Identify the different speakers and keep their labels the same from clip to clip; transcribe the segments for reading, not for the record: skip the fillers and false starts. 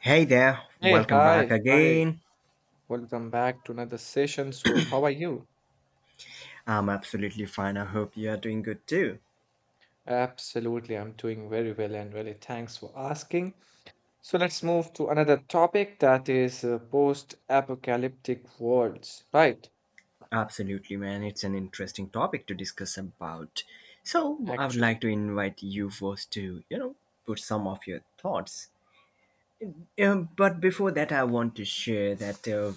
Speaker 1: Hey there,
Speaker 2: Hey,
Speaker 1: welcome back
Speaker 2: hi, hi.
Speaker 1: again.
Speaker 2: Welcome back to another session. So, how are you?
Speaker 1: I'm absolutely fine. I hope you are doing good too.
Speaker 2: Absolutely, I'm doing very well and really thanks for asking. So, let's move to another topic that is post-apocalyptic worlds, right?
Speaker 1: Absolutely, man. It's an interesting topic to discuss about. So, I would
Speaker 2: Actually,
Speaker 1: like to invite you first to, you know, put some of your thoughts. But before that, I want to share that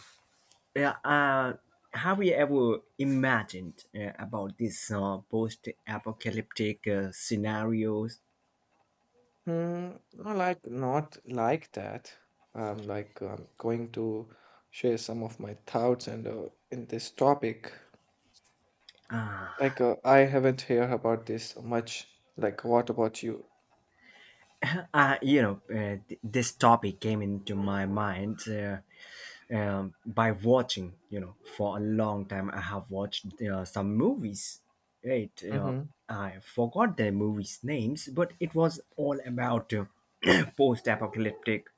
Speaker 1: yeah, have you ever imagined about these post apocalyptic scenarios?
Speaker 2: hmm, no, like not like that. I'm like going to share some of my thoughts and in this topic. Like, I haven't heard about this much. Like, what about you?
Speaker 1: This topic came into my mind by watching, you know, for a long time. I have watched some movies, right?
Speaker 2: Mm-hmm.
Speaker 1: I forgot the movies' names, but it was all about post apocalyptic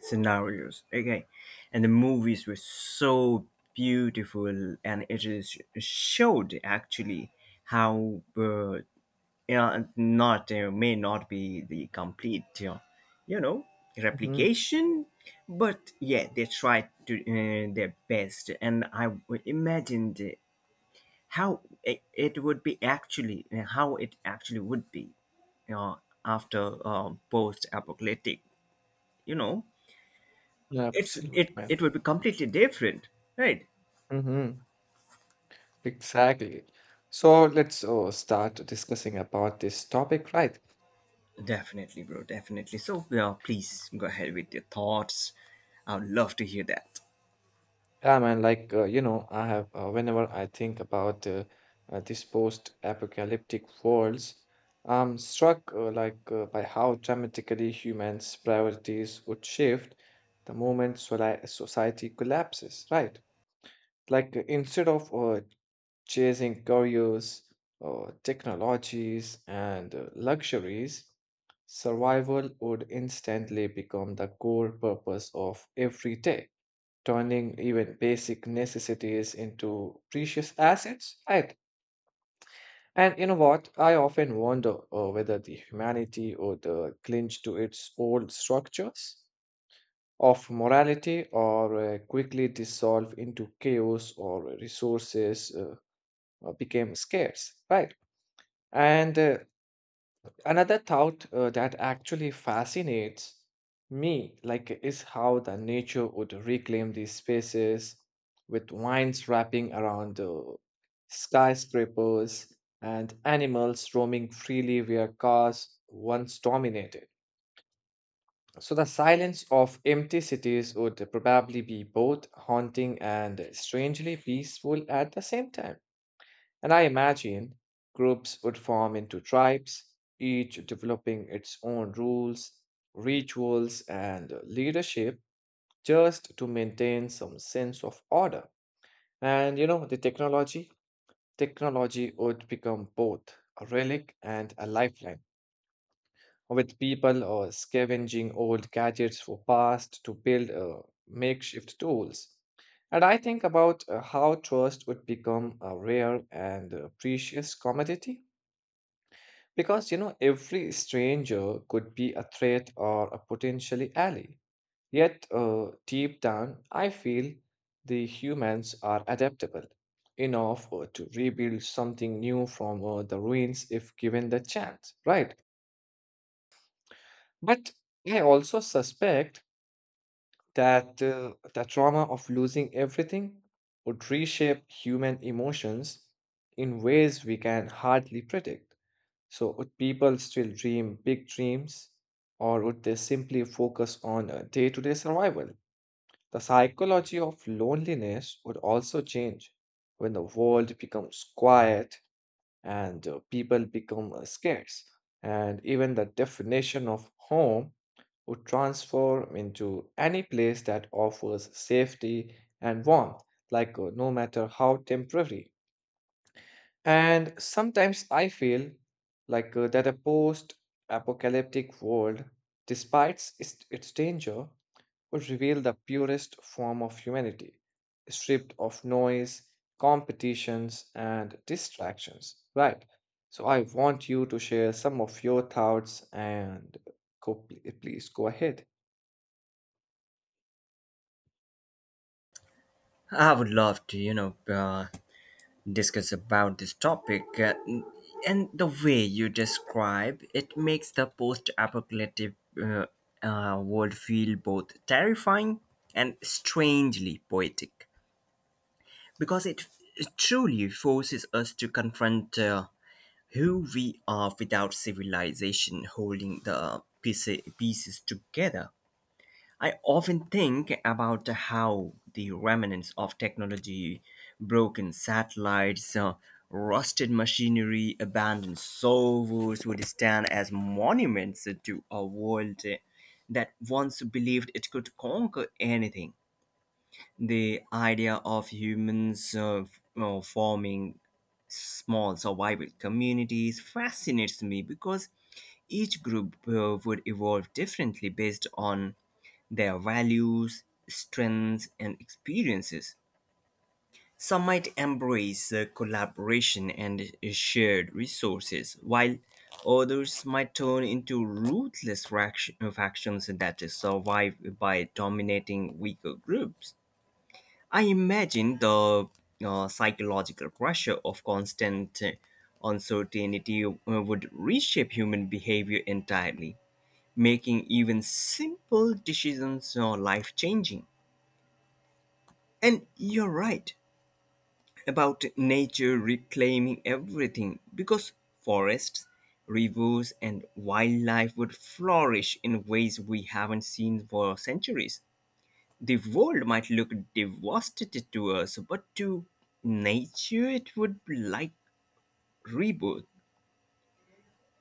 Speaker 1: scenarios, okay? And the movies were so beautiful, and it is showed actually how. Yeah, and not may not be the complete, you know,
Speaker 2: Mm-hmm.
Speaker 1: replication, but yeah, they tried to their best, and I imagined how it would be actually, how it actually would be, you know, after post-apocalyptic. You know, it's
Speaker 2: Absolutely,
Speaker 1: it
Speaker 2: man.
Speaker 1: it would be completely different, right?
Speaker 2: Hmm. Exactly. So let's start discussing about this topic, right?
Speaker 1: Definitely, bro. Definitely. So, yeah, please go ahead with your thoughts. I would love to hear that.
Speaker 2: Yeah, man. Like you know, I have whenever I think about this post-apocalyptic worlds, I'm struck like by how dramatically humans' priorities would shift the moment society collapses, right? Like instead of chasing careers, technologies, and luxuries, survival would instantly become the core purpose of every day, turning even basic necessities into precious assets, right? And you know what? I often wonder whether the humanity would clinch to its old structures of morality or quickly dissolve into chaos or resources became scarce, right? And another thought that actually fascinates me, like, is how the nature would reclaim these spaces with vines wrapping around the skyscrapers and animals roaming freely where cars once dominated. So the silence of empty cities would probably be both haunting and strangely peaceful at the same time. And I imagine groups would form into tribes, each developing its own rules, rituals, and leadership just to maintain some sense of order. And you know, the technology would become both a relic and a lifeline, with people scavenging old gadgets for past to build makeshift tools. And I think about how trust would become a rare and precious commodity. Because, you know, every stranger could be a threat or a potentially ally. Yet, deep down, I feel the humans are adaptable enough to rebuild something new from the ruins if given the chance, right? But I also suspect that the trauma of losing everything would reshape human emotions in ways we can hardly predict. So, would people still dream big dreams, or would they simply focus on day-to-day survival? The psychology of loneliness would also change when the world becomes quiet and people become scarce, and even the definition of home would transform into any place that offers safety and warmth, like no matter how temporary. And sometimes I feel like that a post-apocalyptic world, despite its danger, would reveal the purest form of humanity, stripped of noise, competitions, and distractions. Right. So I want you to share some of your thoughts and please go ahead.
Speaker 1: I would love to, you know, discuss about this topic. And the way you describe it makes the post-apocalyptic uh, world feel both terrifying and strangely poetic, because it truly forces us to confront who we are without civilization holding the pieces together. I often think about how the remnants of technology, broken satellites, rusted machinery, abandoned servers would stand as monuments to a world that once believed it could conquer anything. The idea of humans forming small survival communities fascinates me because each group would evolve differently based on their values, strengths, and experiences. Some might embrace collaboration and shared resources, while others might turn into ruthless factions that survive by dominating weaker groups. I imagine the psychological pressure of constant uncertainty would reshape human behavior entirely, making even simple decisions life changing. And you're right about nature reclaiming everything because forests, rivers, and wildlife would flourish in ways we haven't seen for centuries. The world might look devastated to us, but to nature it would be like rebirth.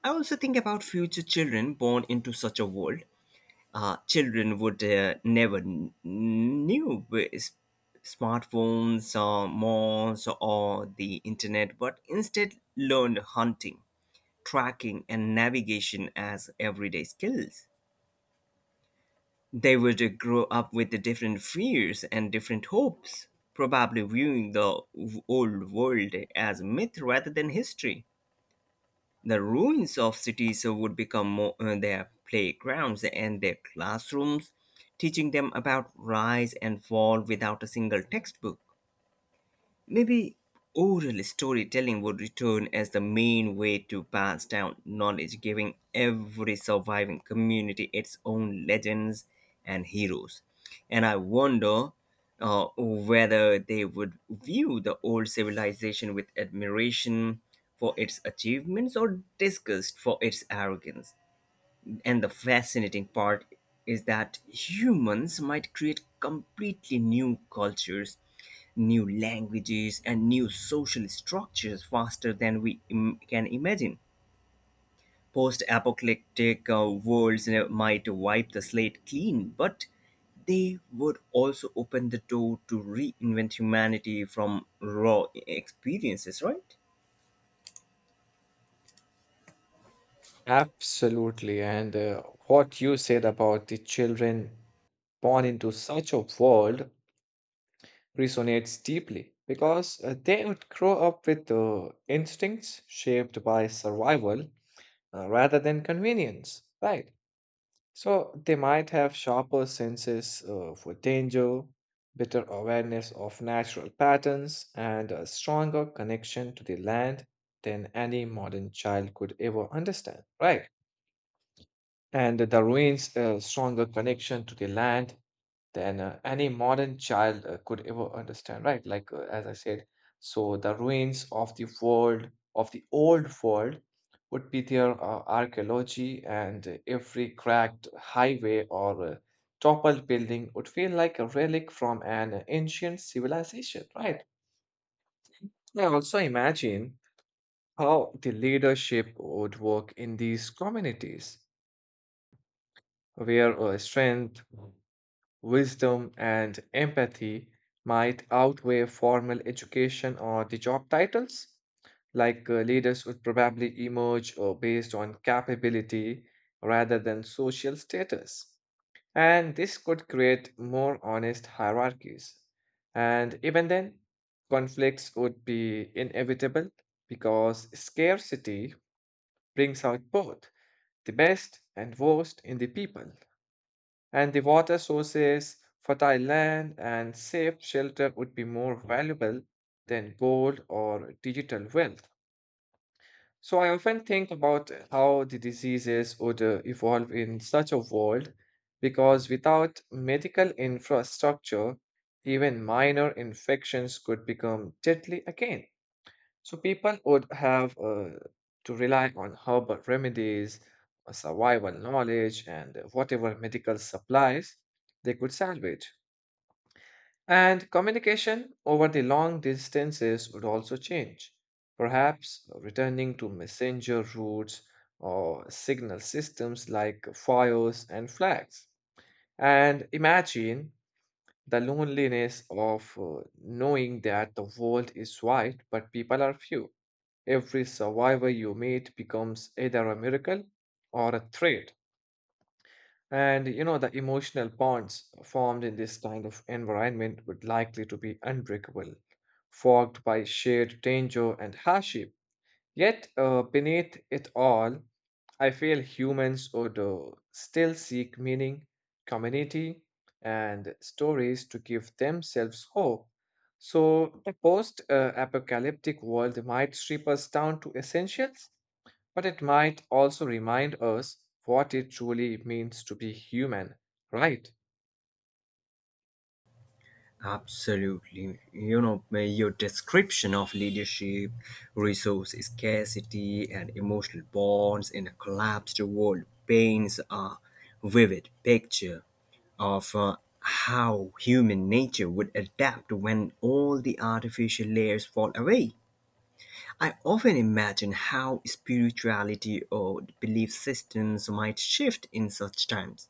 Speaker 1: I also think about future children born into such a world. Children would never knew with smartphones or malls or the internet, but instead learned hunting, tracking, and navigation as everyday skills. They would grow up with the different fears and different hopes, probably viewing the old world as myth rather than history. The ruins of cities would become more, their playgrounds and their classrooms, teaching them about rise and fall without a single textbook. Maybe oral storytelling would return as the main way to pass down knowledge, giving every surviving community its own legends and heroes. And I wonder whether they would view the old civilization with admiration for its achievements or disgust for its arrogance. And the fascinating part is that humans might create completely new cultures, new languages, and new social structures faster than we can imagine. Post apocalyptic worlds might wipe the slate clean, but they would also open the door to reinvent humanity from raw experiences, right?
Speaker 2: Absolutely. And what you said about the children born into such a world resonates deeply because they would grow up with instincts shaped by survival rather than convenience, right? So they might have sharper senses for danger, better awareness of natural patterns, and a stronger connection to the land than any modern child could ever understand, right? And the ruins a stronger connection to the land than any modern child could ever understand, right? Like, as I said, so the ruins of the world, of the old world, would be their archaeology, and every cracked highway or toppled building would feel like a relic from an ancient civilization, right? I also imagine how the leadership would work in these communities where strength wisdom, and empathy might outweigh formal education or the job titles. Like leaders would probably emerge based on capability rather than social status. And this could create more honest hierarchies. And even then, conflicts would be inevitable because scarcity brings out both the best and worst in the people. And the water sources, fertile land, and safe shelter would be more valuable than gold or digital wealth. So I often think about how the diseases would evolve in such a world because without medical infrastructure, even minor infections could become deadly again. So people would have to rely on herbal remedies, survival knowledge, and whatever medical supplies they could salvage. And communication over the long distances would also change, perhaps returning to messenger routes or signal systems like fires and flags. And imagine the loneliness of knowing that the world is wide, but people are few. Every survivor you meet becomes either a miracle or a threat. And you know, the emotional bonds formed in this kind of environment would likely to be unbreakable, forged by shared danger and hardship. Yet, beneath it all, I feel humans would still seek meaning, community, and stories to give themselves hope. So, the post apocalyptic world might strip us down to essentials, but it might also remind us what it truly means to be human, right?
Speaker 1: Absolutely. Your description of leadership, resource scarcity, and emotional bonds in a collapsed world paints a vivid picture of how human nature would adapt when all the artificial layers fall away. I often imagine how spirituality or belief systems might shift in such times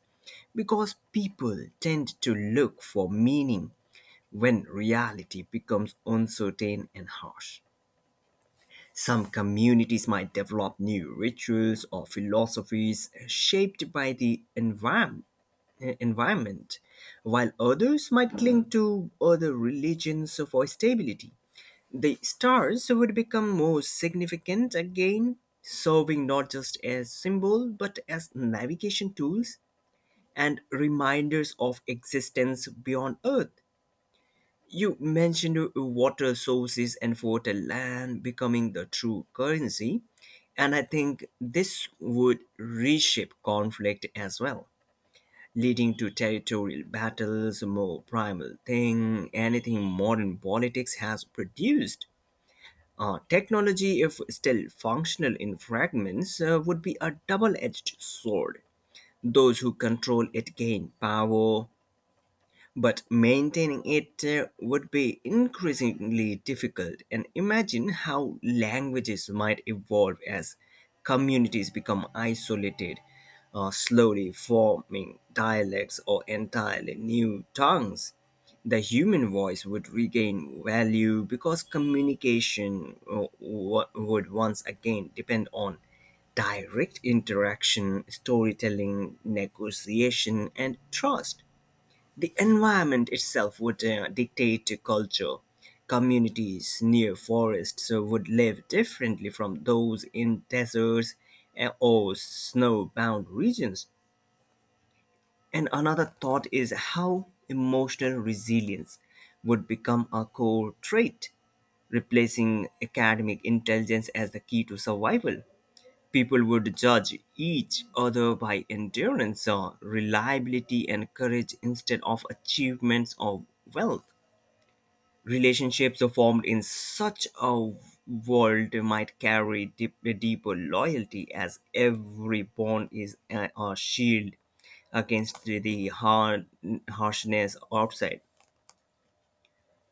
Speaker 1: because people tend to look for meaning when reality becomes uncertain and harsh. Some communities might develop new rituals or philosophies shaped by the environment, while others might cling to other religions for stability. The stars would become more significant again, serving not just as symbol but as navigation tools and reminders of existence beyond Earth. You mentioned water sources and water land becoming the true currency, and I think this would reshape conflict as well, leading to territorial battles, a more primal thing, anything modern politics has produced. Technology, if still functional in fragments, would be a double edged sword. Those who control it gain power, but maintaining it would be increasingly difficult. And imagine how languages might evolve as communities become isolated, slowly forming dialects or entirely new tongues. The human voice would regain value because communication would once again depend on direct interaction, storytelling, negotiation, and trust. The environment itself would dictate the culture. Communities near forests would live differently from those in deserts or snow-bound regions. And another thought is how emotional resilience would become a core trait, replacing academic intelligence as the key to survival. People would judge each other by endurance, reliability, and courage instead of achievements or wealth. Relationships formed in such a world might carry deep, deeper loyalty as every bond is a shield against the hard, harshness outside.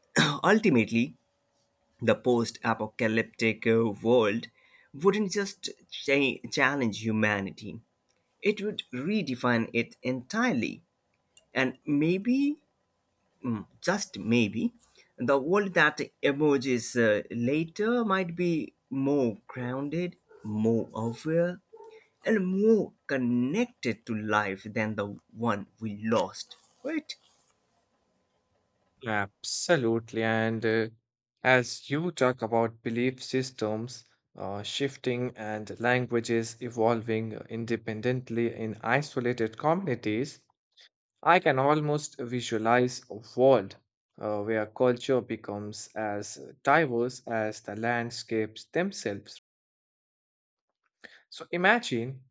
Speaker 1: Ultimately, the post apocalyptic world wouldn't just challenge humanity, it would redefine it entirely. And maybe, just maybe, the world that emerges later might be more grounded, more aware, and more connected to life than the one we lost, right?
Speaker 2: Absolutely. And as you talk about belief systems shifting and languages evolving independently in isolated communities, I can almost visualize a world where culture becomes as diverse as the landscapes themselves. So imagine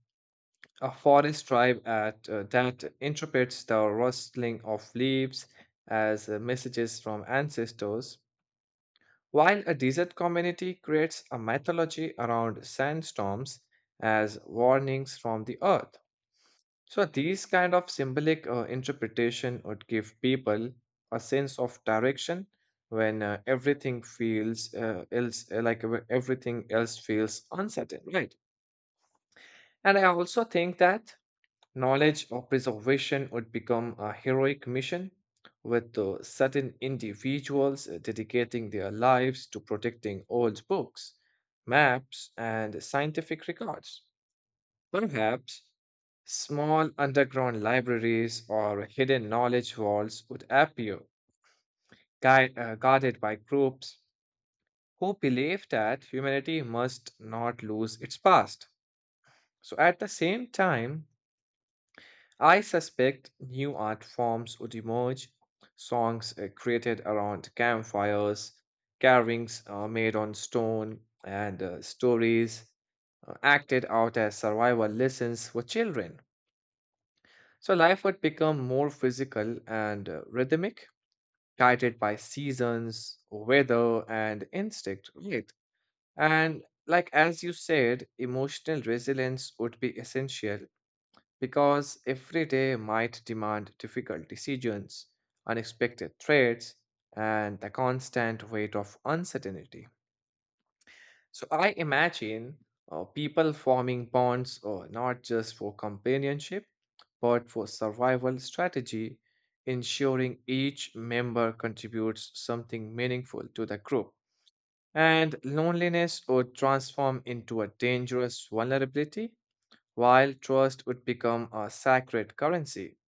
Speaker 2: a forest tribe at, that interprets the rustling of leaves as messages from ancestors, while a desert community creates a mythology around sandstorms as warnings from the earth. So, these kind of symbolic interpretation would give people a sense of direction when everything else feels uncertain, right? And I also think that knowledge or preservation would become a heroic mission, with certain individuals dedicating their lives to protecting old books, maps, and scientific records. Perhaps small underground libraries or hidden knowledge vaults would appear, guarded by groups who believe that humanity must not lose its past. So, at the same time, I suspect new art forms would emerge, songs created around campfires, carvings made on stone, and stories acted out as survival lessons for children. So life would become more physical and rhythmic, guided by seasons, weather, and instinct, right? And like as you said, emotional resilience would be essential because every day might demand difficult decisions, unexpected threats, and the constant weight of uncertainty. So I imagine people forming bonds not just for companionship, but for survival strategy, ensuring each member contributes something meaningful to the group. And loneliness would transform into a dangerous vulnerability, while trust would become a sacred currency.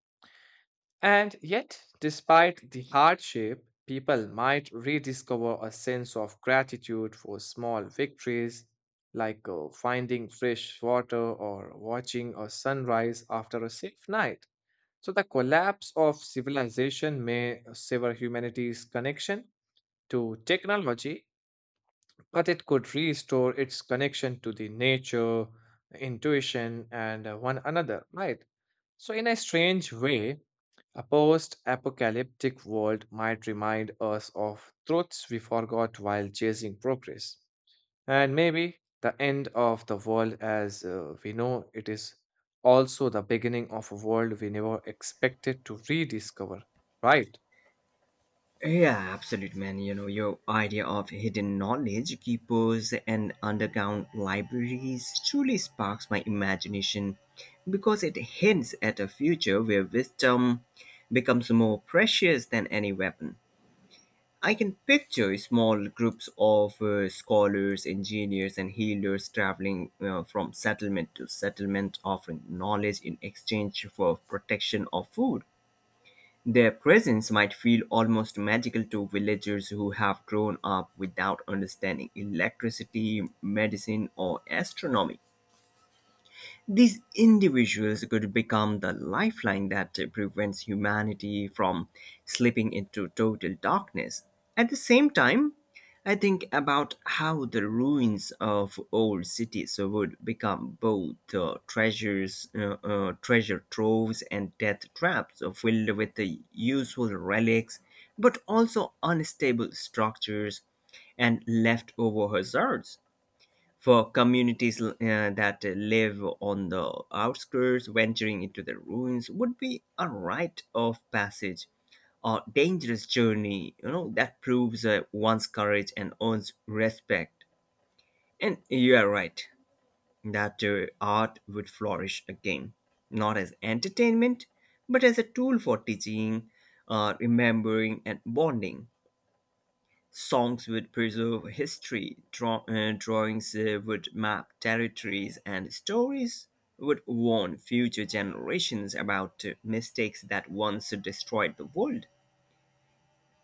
Speaker 2: And yet, despite the hardship, people might rediscover a sense of gratitude for small victories, like finding fresh water or watching a sunrise after a safe night. So, the collapse of civilization may sever humanity's connection to technology, but it could restore its connection to the nature, intuition, and one another, right? So, in a strange way, a post apocalyptic world might remind us of truths we forgot while chasing progress. And maybe the end of the world as we know it is also the beginning of a world we never expected to rediscover, right?
Speaker 1: Yeah, absolute man. You know, your idea of hidden knowledge keepers and underground libraries truly sparks my imagination because it hints at a future where wisdom becomes more precious than any weapon. I can picture small groups of scholars, engineers, and healers traveling from settlement to settlement, offering knowledge in exchange for protection or food. Their presence might feel almost magical to villagers who have grown up without understanding electricity, medicine, or astronomy. These individuals could become the lifeline that prevents humanity from slipping into total darkness. At the same time, I think about how the ruins of old cities would become both treasure troves, and death traps filled with the useful relics, but also unstable structures and leftover hazards for communities that live on the outskirts. Venturing into the ruins would be a rite of passage, a dangerous journey, you know, that proves one's courage and earns respect. And you are right that art would flourish again, not as entertainment, but as a tool for teaching, remembering, and bonding. Songs would preserve history, drawings would map territories, and stories would warn future generations about mistakes that once destroyed the world.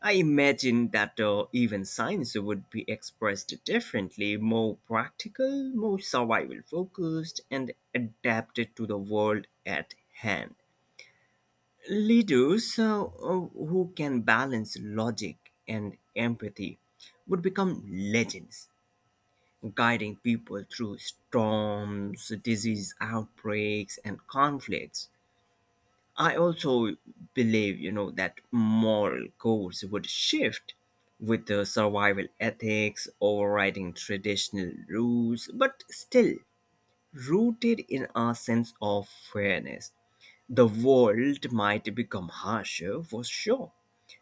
Speaker 1: I imagine that even science would be expressed differently, more practical, more survival focused, and adapted to the world at hand. Leaders who can balance logic and empathy would become legends guiding people through storms, disease outbreaks, and conflicts. I also believe, you know, that moral codes would shift with the survival ethics overriding traditional rules, but still rooted in our sense of fairness. The world might become harsher for sure,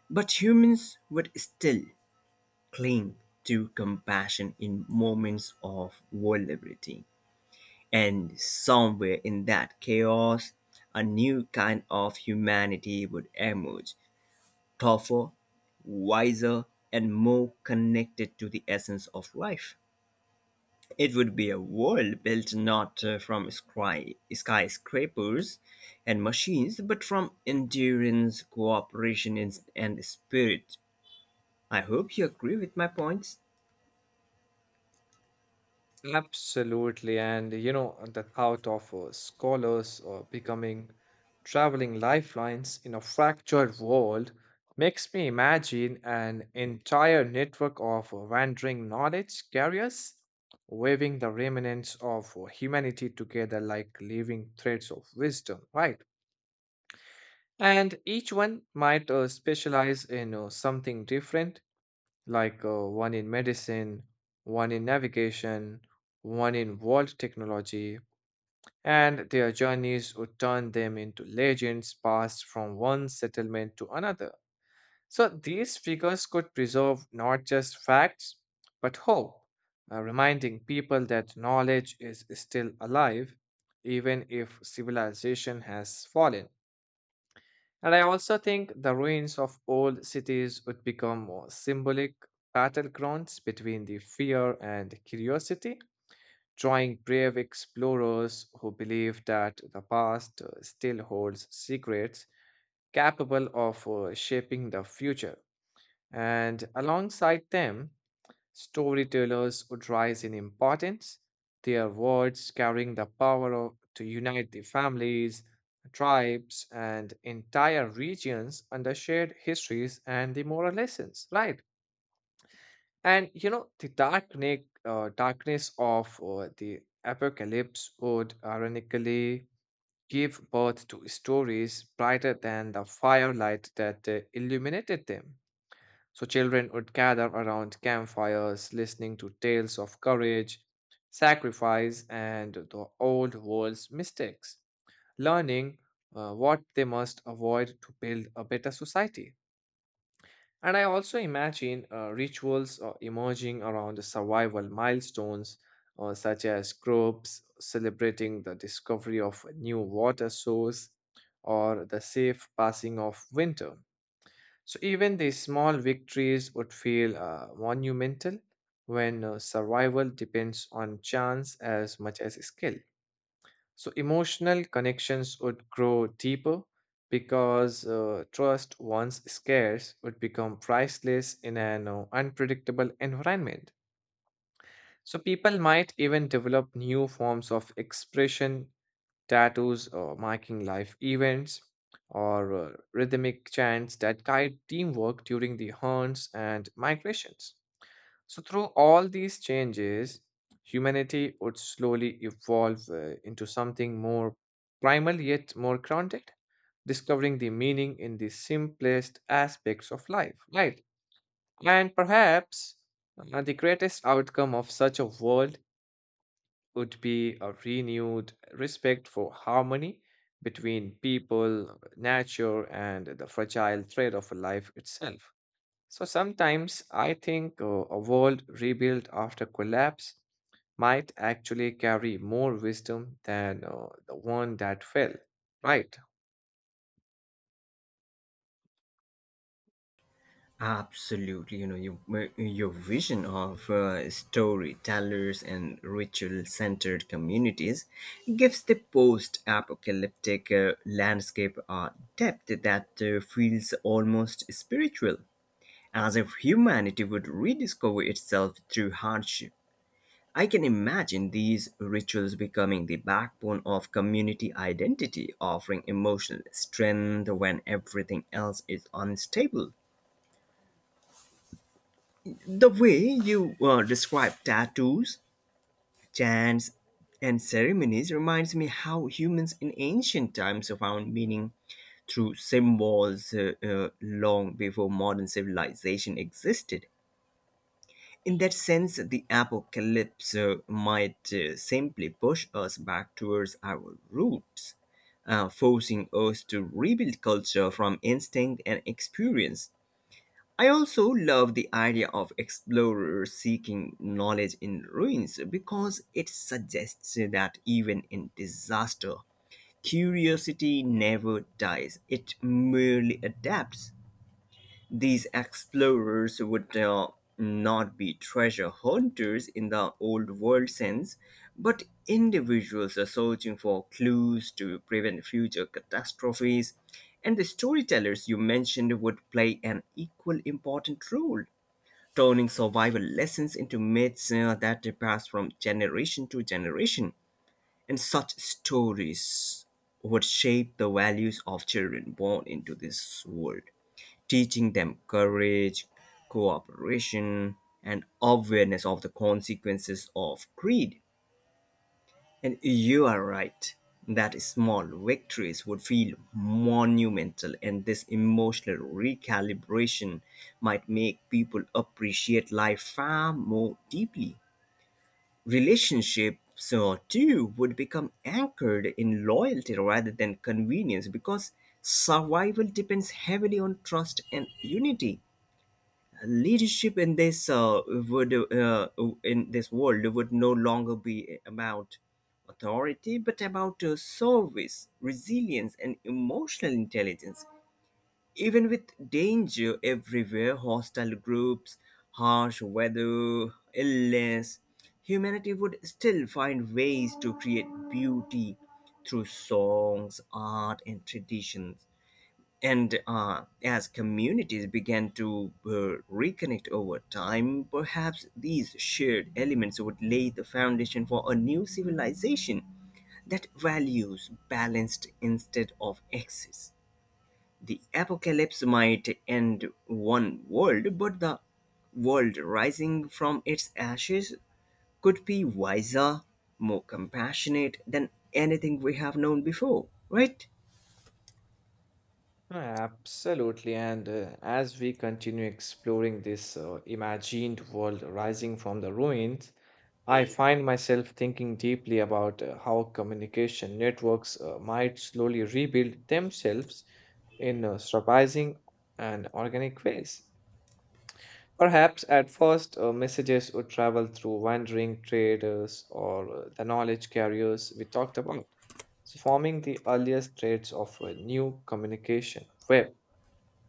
Speaker 1: but humans would still cling to compassion in moments of vulnerability. And somewhere in that chaos, a new kind of humanity would emerge, tougher, wiser, and more connected to the essence of life. It would be a world built not from skyscrapers and machines, but from endurance, cooperation, and spirit. I hope you agree with my points.
Speaker 2: Absolutely. And you know, the thought of scholars or becoming traveling lifelines in a fractured world makes me imagine an entire network of wandering knowledge carriers weaving the remnants of humanity together like living threads of wisdom, right? And each one might specialize in something different like one in medicine, one in navigation, one in world technology, and their journeys would turn them into legends passed from one settlement to another. So these figures could preserve not just facts, but hope, reminding people that knowledge is still alive, even if civilization has fallen. And I also think the ruins of old cities would become more symbolic battlegrounds between the fear and curiosity, drawing brave explorers who believe that the past still holds secrets capable of shaping the future. And alongside them, storytellers would rise in importance, their words carrying the power of, to unite the families, tribes, and entire regions under shared histories and the moral lessons, right? And you know, the darkness of the apocalypse would ironically give birth to stories brighter than the firelight that illuminated them. So children would gather around campfires, listening to tales of courage, sacrifice, and the old world's mistakes, learning what they must avoid to build a better society. And I also imagine rituals emerging around the survival milestones, such as groups celebrating the discovery of a new water source or the safe passing of winter. So even the small victories would feel monumental when survival depends on chance as much as skill. So emotional connections would grow deeper because trust, once scarce, would become priceless in an unpredictable environment. So people might even develop new forms of expression, tattoos marking life events, or rhythmic chants that guide teamwork during the hunts and migrations. So, through all these changes, humanity would slowly evolve into something more primal yet more grounded, discovering the meaning in the simplest aspects of life, right? And perhaps the greatest outcome of such a world would be a renewed respect for harmony between people, nature, and the fragile thread of life itself. So sometimes I think a world rebuilt after collapse might actually carry more wisdom than the one that fell, right?
Speaker 1: Absolutely, you know, your vision of storytellers and ritual centered communities gives the post apocalyptic landscape a depth that feels almost spiritual, as if humanity would rediscover itself through hardship. I can imagine these rituals becoming the backbone of community identity, offering emotional strength when everything else is unstable. The way you describe tattoos, chants, and ceremonies reminds me how humans in ancient times found meaning through symbols long before modern civilization existed. In that sense, the apocalypse might simply push us back towards our roots, forcing us to rebuild culture from instinct and experience. I also love the idea of explorers seeking knowledge in ruins because it suggests that even in disaster, curiosity never dies, it merely adapts. These explorers would not be treasure hunters in the old world sense, but individuals are searching for clues to prevent future catastrophes. And the storytellers you mentioned would play an equal important role, turning survival lessons into myths that pass from generation to generation. And such stories would shape the values of children born into this world, teaching them courage, cooperation, and awareness of the consequences of greed. And you are right that small victories would feel monumental, and this emotional recalibration might make people appreciate life far more deeply. Relationships, too, would become anchored in loyalty rather than convenience because survival depends heavily on trust and unity. Leadership in this world would no longer be about authority but about service, resilience, and emotional intelligence. Even with danger everywhere, hostile groups, harsh weather, illness, humanity would still find ways to create beauty through songs, art, and traditions. And as communities began to reconnect over time, perhaps these shared elements would lay the foundation for a new civilization that values balanced instead of excess. The apocalypse might end one world, but the world rising from its ashes could be wiser, more compassionate than anything we have known before, right?
Speaker 2: No, absolutely. And as we continue exploring this imagined world rising from the ruins, I find myself thinking deeply about how communication networks might slowly rebuild themselves in surprising and organic ways. Perhaps at first, messages would travel through wandering traders or the knowledge carriers we talked about, so forming the earliest threads of a new communication web.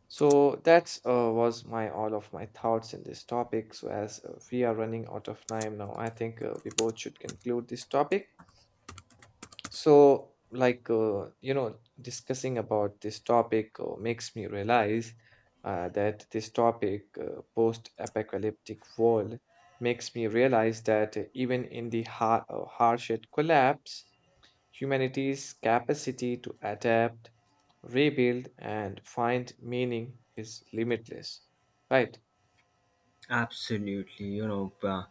Speaker 2: So that's was my all of my thoughts in this topic. So as we are running out of time now, I think we both should conclude this topic. So like you know, discussing about this topic makes me realize that this topic, post-apocalyptic world, makes me realize that even in the harshest collapse, humanity's capacity to adapt, rebuild, and find meaning is limitless. Right,
Speaker 1: Absolutely, you know,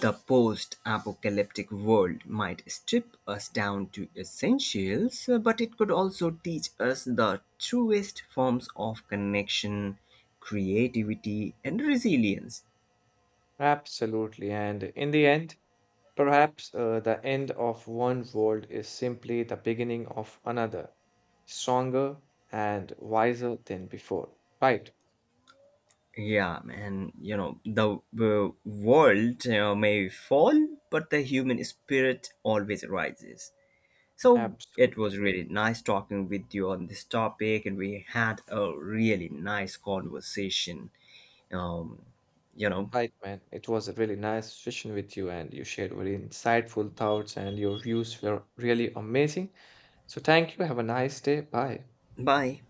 Speaker 1: the post apocalyptic world might strip us down to essentials, but it could also teach us the truest forms of connection, creativity, and resilience.
Speaker 2: absolutely. And in the end, perhaps the end of one world is simply the beginning of another, stronger and wiser than before. Right,
Speaker 1: Yeah, and you know, the world may fall, but the human spirit always rises. So it
Speaker 2: absolutely.
Speaker 1: was really nice talking with you on this topic, and we had a really nice conversation. Um, you know,
Speaker 2: Right, man. It was a really nice session with you, and you shared very insightful thoughts, and your views were really amazing. So, thank you. Have a nice day. Bye.
Speaker 1: Bye.